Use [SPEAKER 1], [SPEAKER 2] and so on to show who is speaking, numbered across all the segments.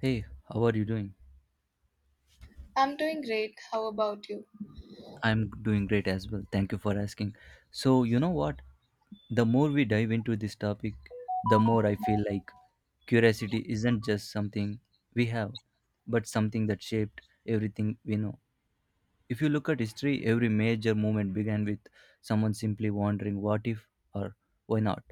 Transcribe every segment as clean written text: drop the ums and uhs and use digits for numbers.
[SPEAKER 1] Hey, how are you doing?
[SPEAKER 2] I'm doing great. How about you?
[SPEAKER 1] I'm doing great as well. Thank you for asking. So, you know what? The more we dive into this topic, the more I feel like curiosity isn't just something we have, but something that shaped everything we know. If you look at history, every major movement began with someone simply wondering what if or why not.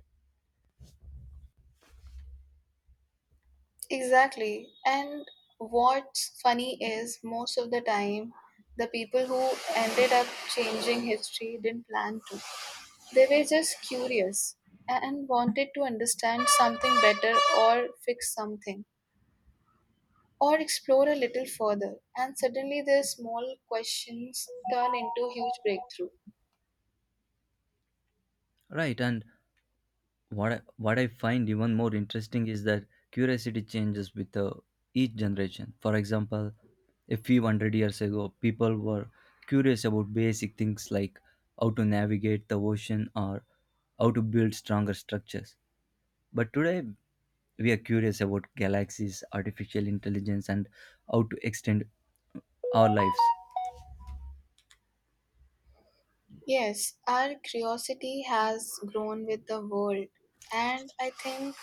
[SPEAKER 2] Exactly. And what's funny is, most of the time, the people who ended up changing history didn't plan to. They were just curious and wanted to understand something better or fix something or explore a little further. And suddenly, their small questions turn into huge breakthrough.
[SPEAKER 1] Right, and what I find even more interesting is that curiosity changes with each generation. For example, a few hundred years ago, people were curious about basic things like how to navigate the ocean or how to build stronger structures. But today, we are curious about galaxies, artificial intelligence, and how to extend our lives.
[SPEAKER 2] Yes, our curiosity has grown with the world, and I think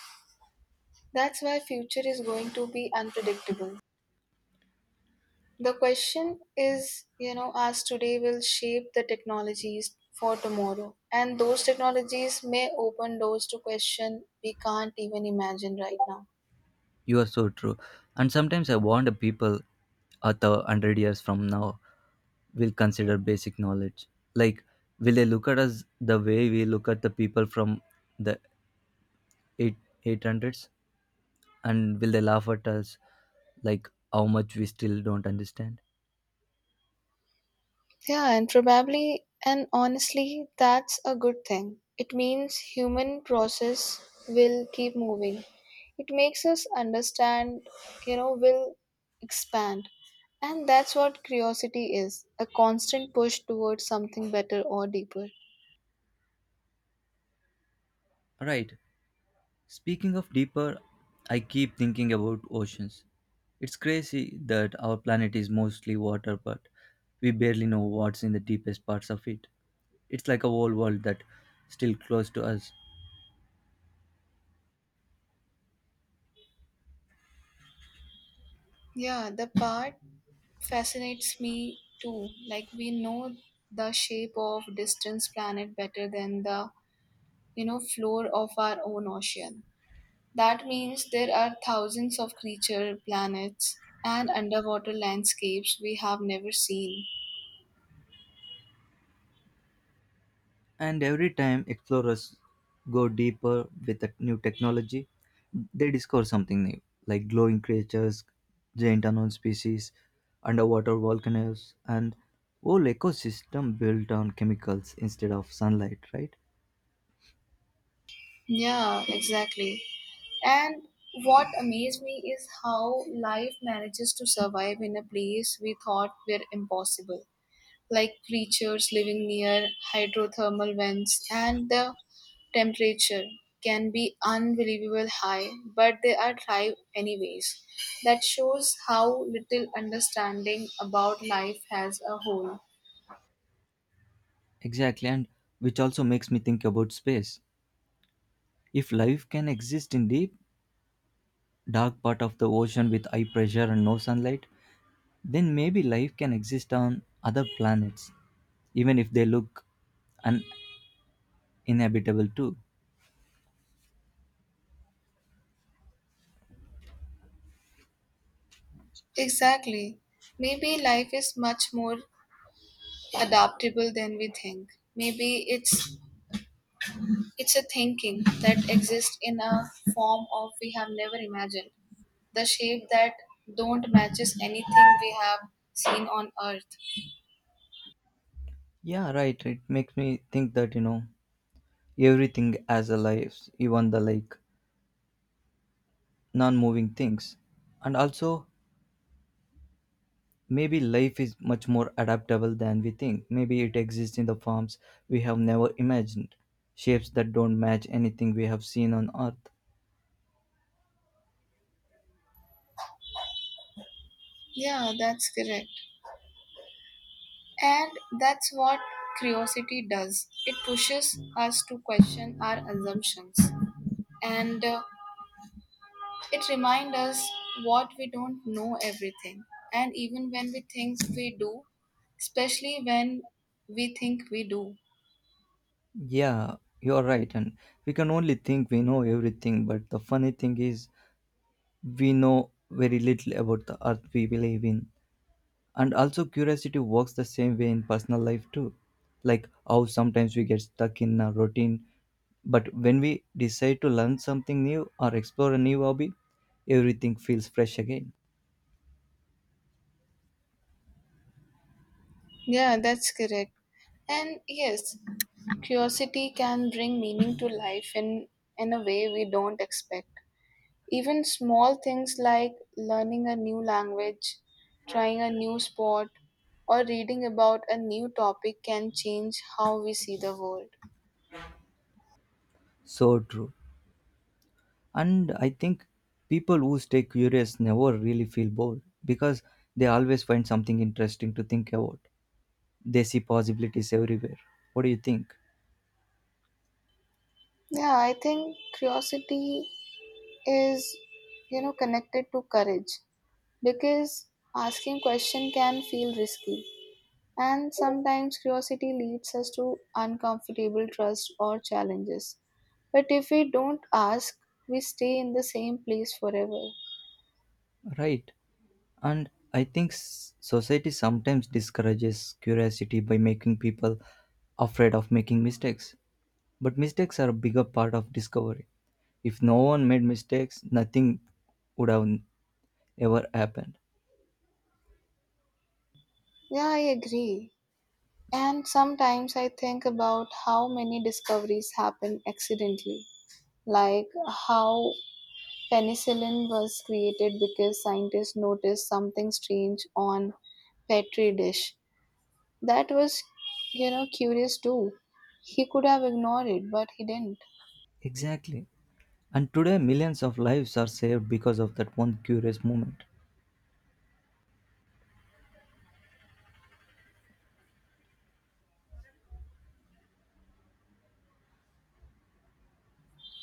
[SPEAKER 2] that's why future is going to be unpredictable. The question is, as today will shape the technologies for tomorrow. And those technologies may open doors to question we can't even imagine right now.
[SPEAKER 1] You are so true. And sometimes I wonder people at the hundred years from now will consider basic knowledge. Like, will they look at us the way we look at the people from the eight eight hundreds, and will they laugh at us like how much we still don't understand?
[SPEAKER 2] Yeah, and probably and honestly, that's a good thing. It means human process will keep moving. It makes us understand, will expand. And that's what curiosity is, a constant push towards something better or deeper.
[SPEAKER 1] Right. Speaking of deeper, I keep thinking about oceans. It's crazy that our planet is mostly water, but we barely know what's in the deepest parts of it. It's like a whole world that still close to us.
[SPEAKER 2] Yeah, the part fascinates me too. Like, we know the shape of distant planet better than the floor of our own ocean. That means there are thousands of creature planets and underwater landscapes we have never seen.
[SPEAKER 1] And every time explorers go deeper with a new technology, they discover something new, like glowing creatures, giant unknown species, underwater volcanoes, and whole ecosystem built on chemicals instead of sunlight, right?
[SPEAKER 2] Yeah, exactly. And what amazed me is how life manages to survive in a place we thought were impossible, like creatures living near hydrothermal vents, and the temperature can be unbelievable high, but they are thrive anyways. That shows how little understanding about life as a whole.
[SPEAKER 1] Exactly, and which also makes me think about space. If life can exist in deep, dark part of the ocean with high pressure and no sunlight, then maybe life can exist on other planets, even if they look un- inhabitable too.
[SPEAKER 2] Exactly. Maybe life is much more adaptable than we think. Maybe it's a thinking that exists in a form of we have never imagined, the shape that don't matches anything we have seen on earth.
[SPEAKER 1] Yeah, right. It makes me think that everything has a life, even the like non moving things. And also, maybe life is much more adaptable than we think. Maybe it exists in the forms we have never imagined, shapes that don't match anything we have seen on Earth.
[SPEAKER 2] Yeah, that's correct. And that's what curiosity does. It pushes us to question our assumptions, and it reminds us what we don't know everything, and even when we think we do, especially when we think we do.
[SPEAKER 1] Yeah, you're right. And we can only think we know everything, but the funny thing is, we know very little about the Earth we live in. And also, curiosity works the same way in personal life too. Like how sometimes we get stuck in a routine, but when we decide to learn something new or explore a new hobby, everything feels fresh again.
[SPEAKER 2] Yeah, that's correct. And yes, curiosity can bring meaning to life in a way we don't expect. Even small things like learning a new language, trying a new sport, or reading about a new topic can change how we see the world.
[SPEAKER 1] So true. And I think people who stay curious never really feel bored because they always find something interesting to think about. They see possibilities everywhere. What do you think?
[SPEAKER 2] Yeah, I think curiosity is, connected to courage, because asking question can feel risky, and sometimes curiosity leads us to uncomfortable trust or challenges. But if we don't ask, we stay in the same place forever.
[SPEAKER 1] Right. And I think society sometimes discourages curiosity by making people afraid of making mistakes. But mistakes are a bigger part of discovery. If no one made mistakes, nothing would have ever happened.
[SPEAKER 2] Yeah, I agree. And sometimes I think about how many discoveries happen accidentally, like how penicillin was created because scientists noticed something strange on petri dish. That was, curious too. He could have ignored it, but he didn't.
[SPEAKER 1] Exactly. And today, millions of lives are saved because of that one curious moment.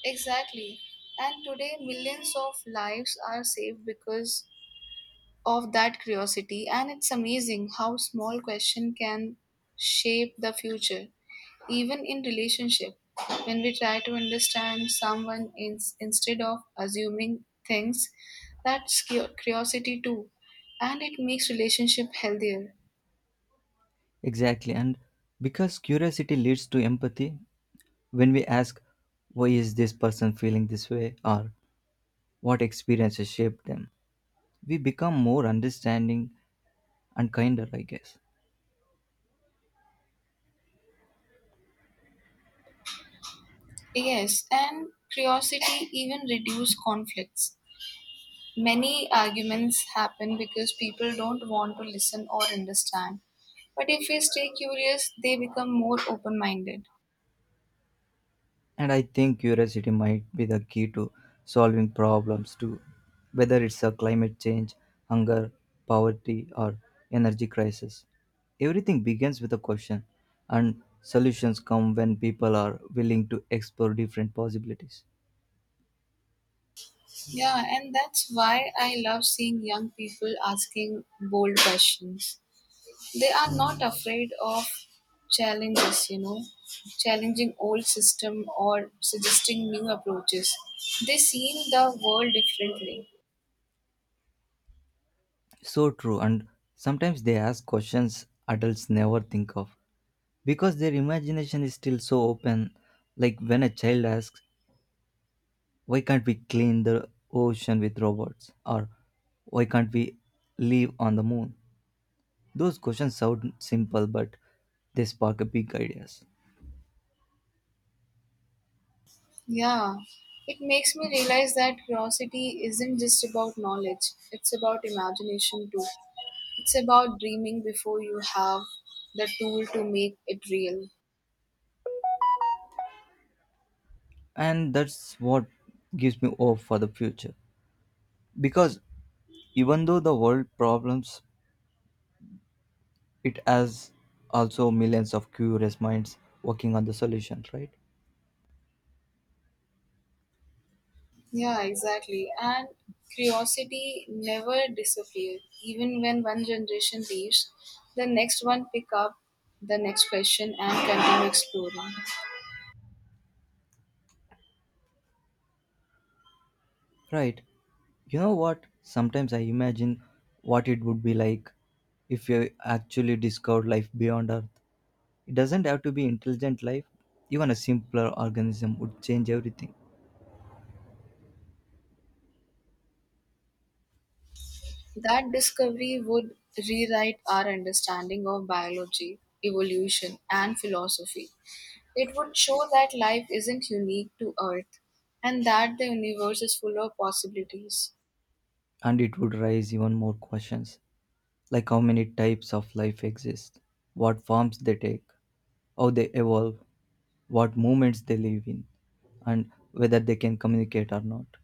[SPEAKER 2] Exactly. And today, millions of lives are saved because of that curiosity, and it's amazing how small question can shape the future. Even in relationship, when we try to understand someone, in, instead of assuming things, that's curiosity too, and it makes relationship healthier.
[SPEAKER 1] Exactly. And because curiosity leads to empathy, when we ask, why is this person feeling this way, or what experiences shaped them, we become more understanding and kinder, I guess.
[SPEAKER 2] Yes, and curiosity even reduce conflicts. Many arguments happen because people don't want to listen or understand. But if we stay curious, they become more open minded.
[SPEAKER 1] And I think curiosity might be the key to solving problems too, whether it's a climate change, hunger, poverty, or energy crisis. Everything begins with a question, and solutions come when people are willing to explore different possibilities.
[SPEAKER 2] Yeah, and that's why I love seeing young people asking bold questions. They are not afraid of challenges, challenging old system or suggesting new approaches. They see the world differently.
[SPEAKER 1] So true, and sometimes they ask questions adults never think of because their imagination is still so open. Like when a child asks, why can't we clean the ocean with robots? Or why can't we live on the moon? Those questions sound simple, but they spark a big ideas.
[SPEAKER 2] Yeah, it makes me realize that curiosity isn't just about knowledge, it's about imagination too. It's about dreaming before you have the tool to make it real.
[SPEAKER 1] And that's what gives me hope for the future. Because even though the world problems, it has also millions of curious minds working on the solution, right?
[SPEAKER 2] Yeah, exactly. And curiosity never disappears. Even when one generation leaves, the next one pick up the next question and continue exploring.
[SPEAKER 1] Right. You know what? Sometimes I imagine what it would be like if we actually discovered life beyond Earth. It doesn't have to be intelligent life. Even a simpler organism would change everything.
[SPEAKER 2] That discovery would rewrite our understanding of biology, evolution, and philosophy. It would show that life isn't unique to Earth and that the universe is full of possibilities.
[SPEAKER 1] And it would raise even more questions, like how many types of life exist, what forms they take, how they evolve, what movements they live in, and whether they can communicate or not.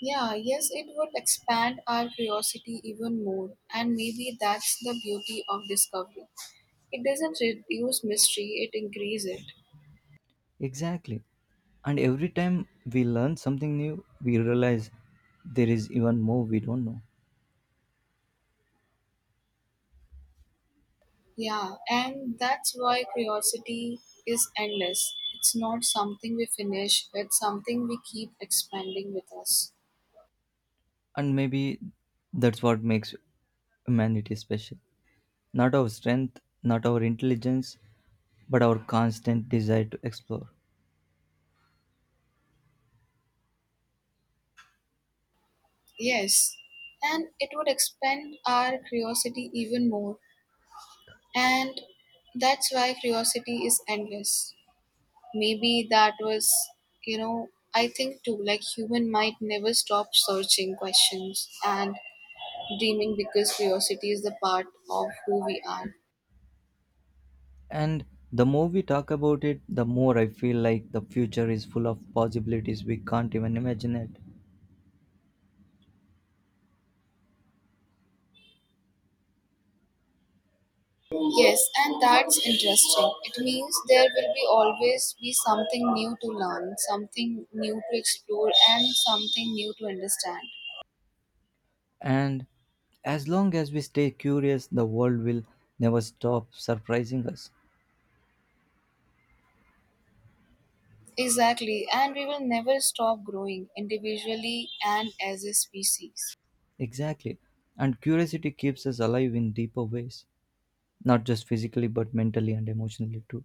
[SPEAKER 2] Yeah, yes, it would expand our curiosity even more, and maybe that's the beauty of discovery. It doesn't reduce mystery, it increases it.
[SPEAKER 1] Exactly. And every time we learn something new, we realize there is even more we don't know.
[SPEAKER 2] Yeah, and that's why curiosity is endless. It's not something we finish, it's something we keep expanding with us.
[SPEAKER 1] And maybe that's what makes humanity special. Not our strength, not our intelligence, but our constant desire to explore.
[SPEAKER 2] Yes, and it would expand our curiosity even more, and that's why curiosity is endless. Maybe that was, you know, I think too, like human might never stop searching questions and dreaming, because curiosity is the part of who we are.
[SPEAKER 1] And the more we talk about it, the more I feel like the future is full of possibilities we can't even imagine it.
[SPEAKER 2] Yes, and that's interesting. It means there will be always be something new to learn, something new to explore, and something new to understand.
[SPEAKER 1] And as long as we stay curious, the world will never stop surprising us.
[SPEAKER 2] Exactly, and we will never stop growing individually and as a species.
[SPEAKER 1] Exactly. And curiosity keeps us alive in deeper ways, not just physically, but mentally and emotionally too.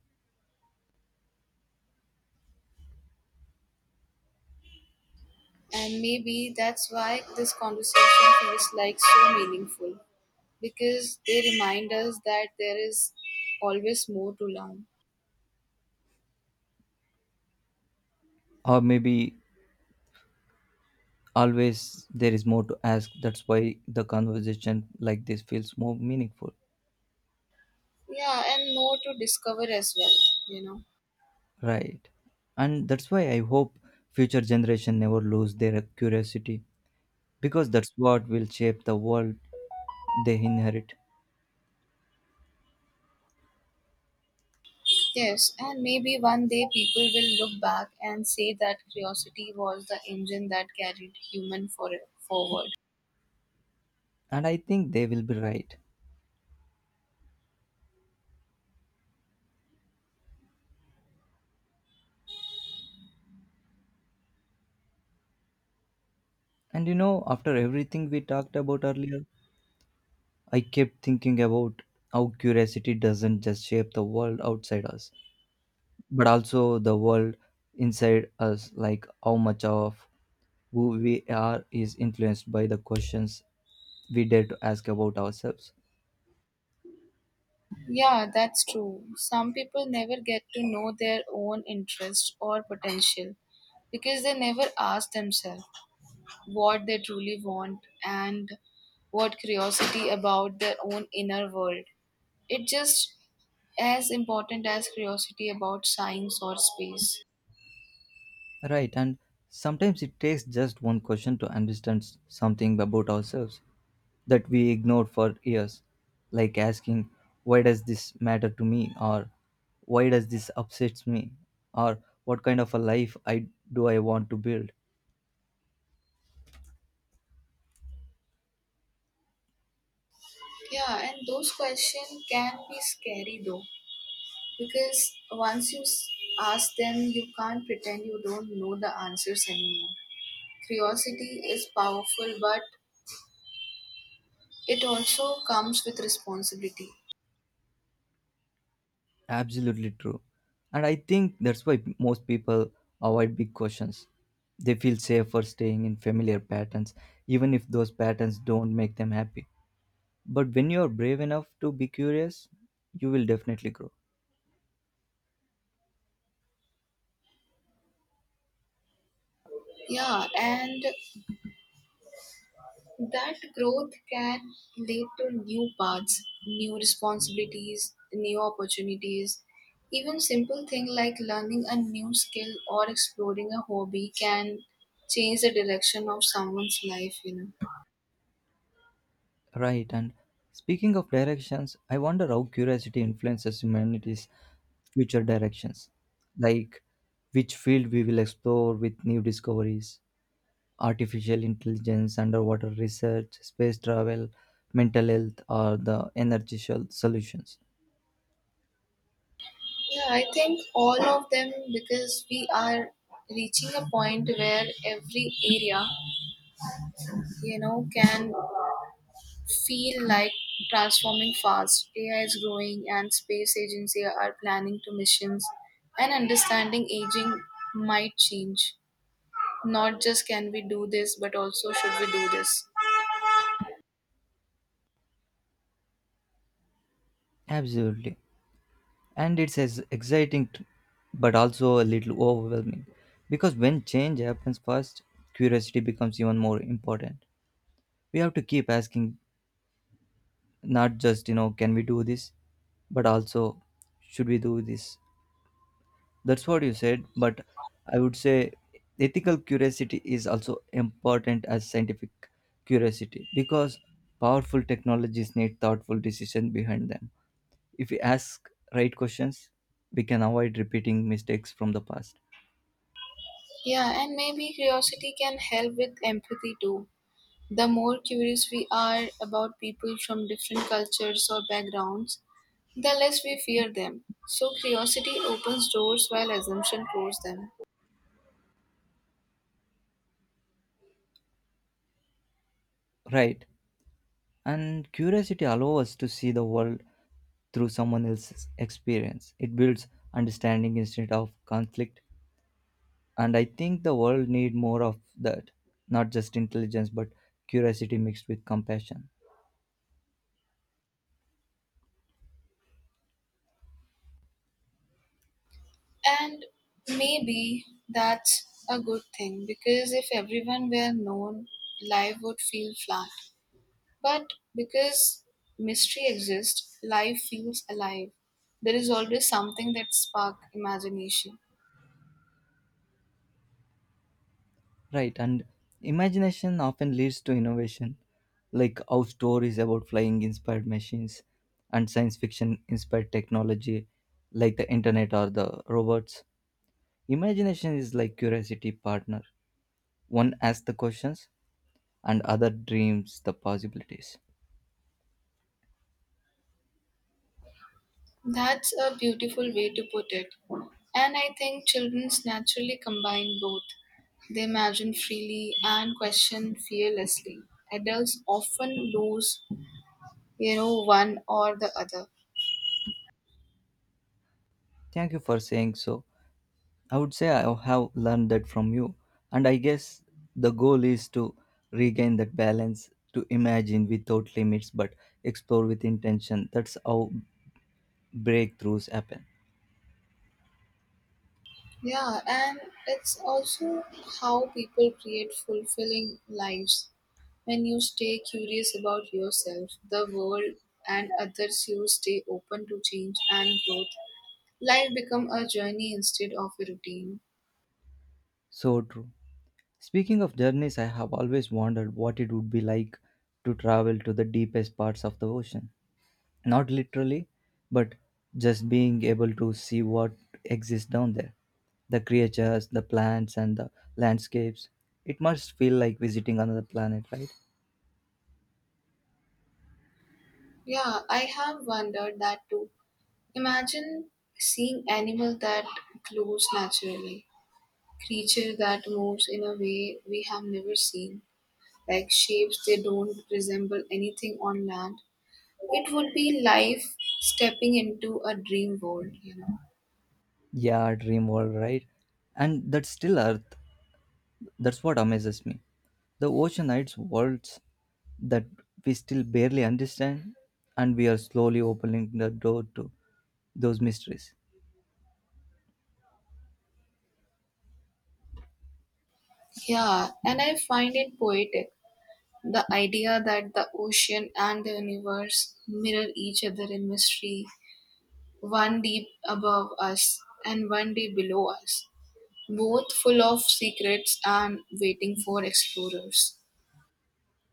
[SPEAKER 2] And maybe that's why this conversation feels like so meaningful, because they remind us that there is always more to learn.
[SPEAKER 1] Or maybe always there is more to ask. That's why the conversation like this feels more meaningful.
[SPEAKER 2] Yeah, and more to discover as well, you know.
[SPEAKER 1] Right, and that's why I hope future generation never lose their curiosity, because that's what will shape the world they inherit.
[SPEAKER 2] Yes, and maybe one day people will look back and say that curiosity was the engine that carried human for forward.
[SPEAKER 1] And I think they will be right. And after everything we talked about earlier, I kept thinking about how curiosity doesn't just shape the world outside us, but also the world inside us. Like how much of who we are is influenced by the questions we dare to ask about ourselves.
[SPEAKER 2] Yeah, that's true. Some people never get to know their own interest or potential because they never ask themselves what they truly want, and what curiosity about their own inner world. It's just as important as curiosity about science or space.
[SPEAKER 1] Right, and sometimes it takes just one question to understand something about ourselves that we ignored for years, like asking, why does this matter to me? Or why does this upsets me? Or what kind of a do I want to build?
[SPEAKER 2] Yeah, and those questions can be scary though, because once you ask them, you can't pretend you don't know the answers anymore. Curiosity is powerful, but it also comes with responsibility.
[SPEAKER 1] Absolutely true. And I think that's why most people avoid big questions. They feel safer staying in familiar patterns, even if those patterns don't make them happy. But when you're brave enough to be curious, you will definitely grow.
[SPEAKER 2] Yeah, and that growth can lead to new paths, new responsibilities, new opportunities. Even simple things like learning a new skill or exploring a hobby can change the direction of someone's life,
[SPEAKER 1] Right, and speaking of directions, I wonder how curiosity influences humanity's future directions. Like which field we will explore with new discoveries, artificial intelligence, underwater research, space travel, mental health or the solutions.
[SPEAKER 2] Yeah, I think all of them, because we are reaching a point where every area, can feel like transforming fast. AI is growing, and space agency are planning to missions. And understanding aging might change. Not just can we do this, but also should we do this?
[SPEAKER 1] Absolutely. And it's as but also a little overwhelming because when change happens fast, curiosity becomes even more important. We have to keep asking not just can we do this, but also should we do this? That's what you said, but I would say ethical curiosity is also important as scientific curiosity, because powerful technologies need thoughtful decision behind them. If we ask right questions, we can avoid repeating mistakes from the past.
[SPEAKER 2] Yeah, and maybe curiosity can help with empathy too. The more curious we are about people from different cultures or backgrounds, the less we fear them. So curiosity opens doors while assumption closes them.
[SPEAKER 1] Right. And curiosity allows us to see the world through someone else's experience. It builds understanding instead of conflict, and I think the world need more of that. Not just intelligence, but curiosity mixed with compassion.
[SPEAKER 2] And maybe that's a good thing, because if everyone were known, life would feel flat. But because mystery exists, life feels alive. There is always something that spark imagination.
[SPEAKER 1] Right, and imagination often leads to innovation, like how stories about flying inspired machines and science fiction inspired technology, like the internet or the robots. Imagination is like curiosity partner. One asks the questions, and other dreams the possibilities.
[SPEAKER 2] That's a beautiful way to put it. And I think children naturally combine both. They imagine freely and question fearlessly. Adults often lose, one or the other.
[SPEAKER 1] Thank you for saying so. I would say I have learned that from you. And I guess the goal is to regain that balance, to imagine without limits, but explore with intention. That's how breakthroughs happen.
[SPEAKER 2] Yeah, and it's also how people create fulfilling lives. When you stay curious about yourself, the world, and others, you stay open to change and growth. Life become a journey instead of a routine.
[SPEAKER 1] So true. Speaking of journeys, I have always wondered what it would be like to travel to the deepest parts of the ocean. Not literally, but just being able to see what exists down there, the creatures, the plants, and the landscapes. It must feel like visiting another planet, right?
[SPEAKER 2] Yeah, I have wondered that too. Imagine seeing animal that glows naturally, creature that moves in a way we have never seen, like shapes they don't resemble anything on land. It would be life stepping into a dream world,
[SPEAKER 1] Yeah, dream world, right? And that's still Earth. That's what amazes me. The ocean hides worlds that we still barely understand, and we are slowly opening the door to those mysteries.
[SPEAKER 2] Yeah, and I find it poetic. The idea that the ocean and the universe mirror each other in mystery, one deep above us and one day below us, both full of secrets and waiting for explorers.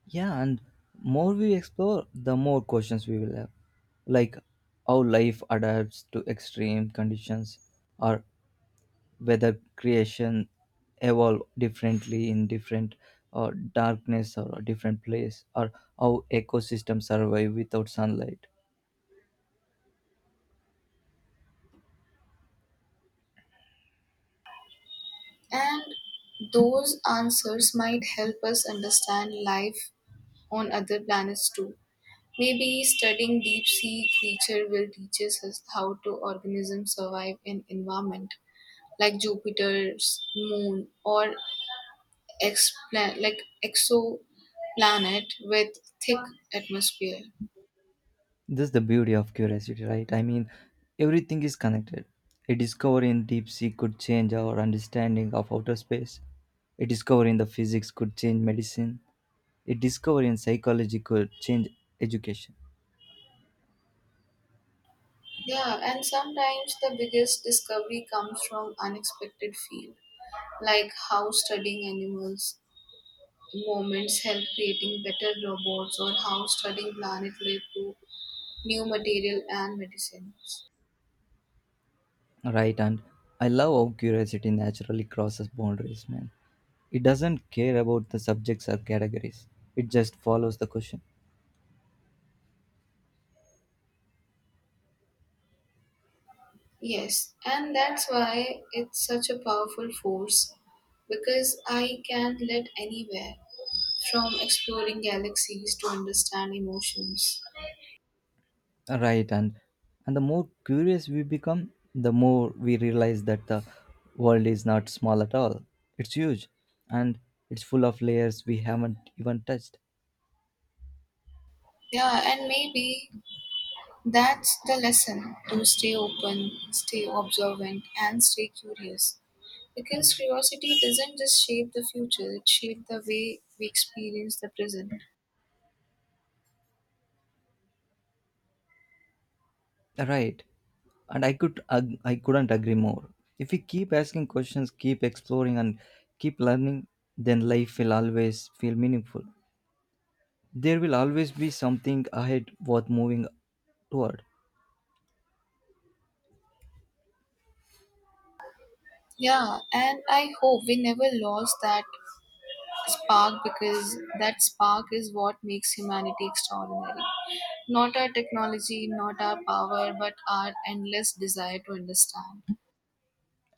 [SPEAKER 1] Yeah, and more we explore, the more questions we will have. Like how life adapts to extreme conditions, or whether creation evolve differently in different darkness or a different place, or how ecosystems survive without sunlight.
[SPEAKER 2] And those answers might help us understand life on other planets too. Maybe studying deep sea creature will teach us how to organisms survive in environment like Jupiter's moon or like exoplanet with thick atmosphere.
[SPEAKER 1] This is the beauty of curiosity, right? I mean, everything is connected. A discovery in deep sea could change our understanding of outer space. A discovery in the physics could change medicine. A discovery in psychology could change education.
[SPEAKER 2] Yeah, and sometimes the biggest discovery comes from unexpected field, like how studying animals movements help creating better robots, or how studying planet led to new material and medicines.
[SPEAKER 1] Right, and I love how curiosity naturally crosses boundaries, man. It doesn't care about the subjects or categories. It just follows the question.
[SPEAKER 2] Yes, and that's why it's such a powerful force, because I can lead anywhere, from exploring galaxies to understand emotions.
[SPEAKER 1] Right, and the more curious we become, the more we realize that the world is not small at all. It's huge, and it's full of layers we haven't even touched.
[SPEAKER 2] Yeah, and maybe that's the lesson, to stay open, stay observant, and stay curious. Because curiosity doesn't just shape the future, it shapes the way we experience the present.
[SPEAKER 1] Right. And I couldn't agree more. If we keep asking questions, keep exploring and keep learning, then life will always feel meaningful. There will always be something ahead worth moving toward.
[SPEAKER 2] Yeah, and I hope we never lost that spark, because that spark is what makes humanity extraordinary. Not our technology, not our power, but our endless desire to understand.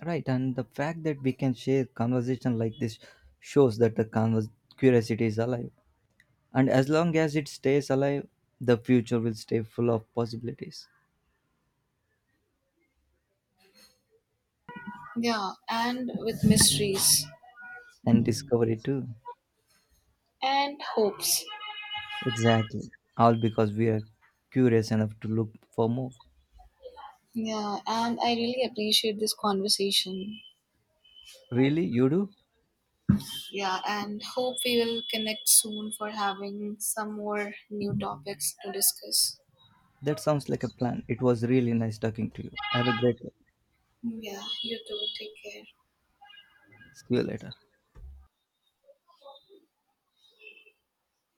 [SPEAKER 1] Right, and the fact that we can share conversation like this shows that the curiosity is alive. And as long as it stays alive, the future will stay full of possibilities
[SPEAKER 2] Yeah, and with mysteries
[SPEAKER 1] and discovery too.
[SPEAKER 2] and hopes.
[SPEAKER 1] Exactly. All because we are curious enough to look for more.
[SPEAKER 2] Yeah, and I really appreciate this conversation.
[SPEAKER 1] Really? You do?
[SPEAKER 2] Yeah, and hope we will connect soon for having some more new topics to discuss.
[SPEAKER 1] That sounds like a plan. It was really nice talking to you. Have a great day.
[SPEAKER 2] Yeah, you too. Take care.
[SPEAKER 1] See you later.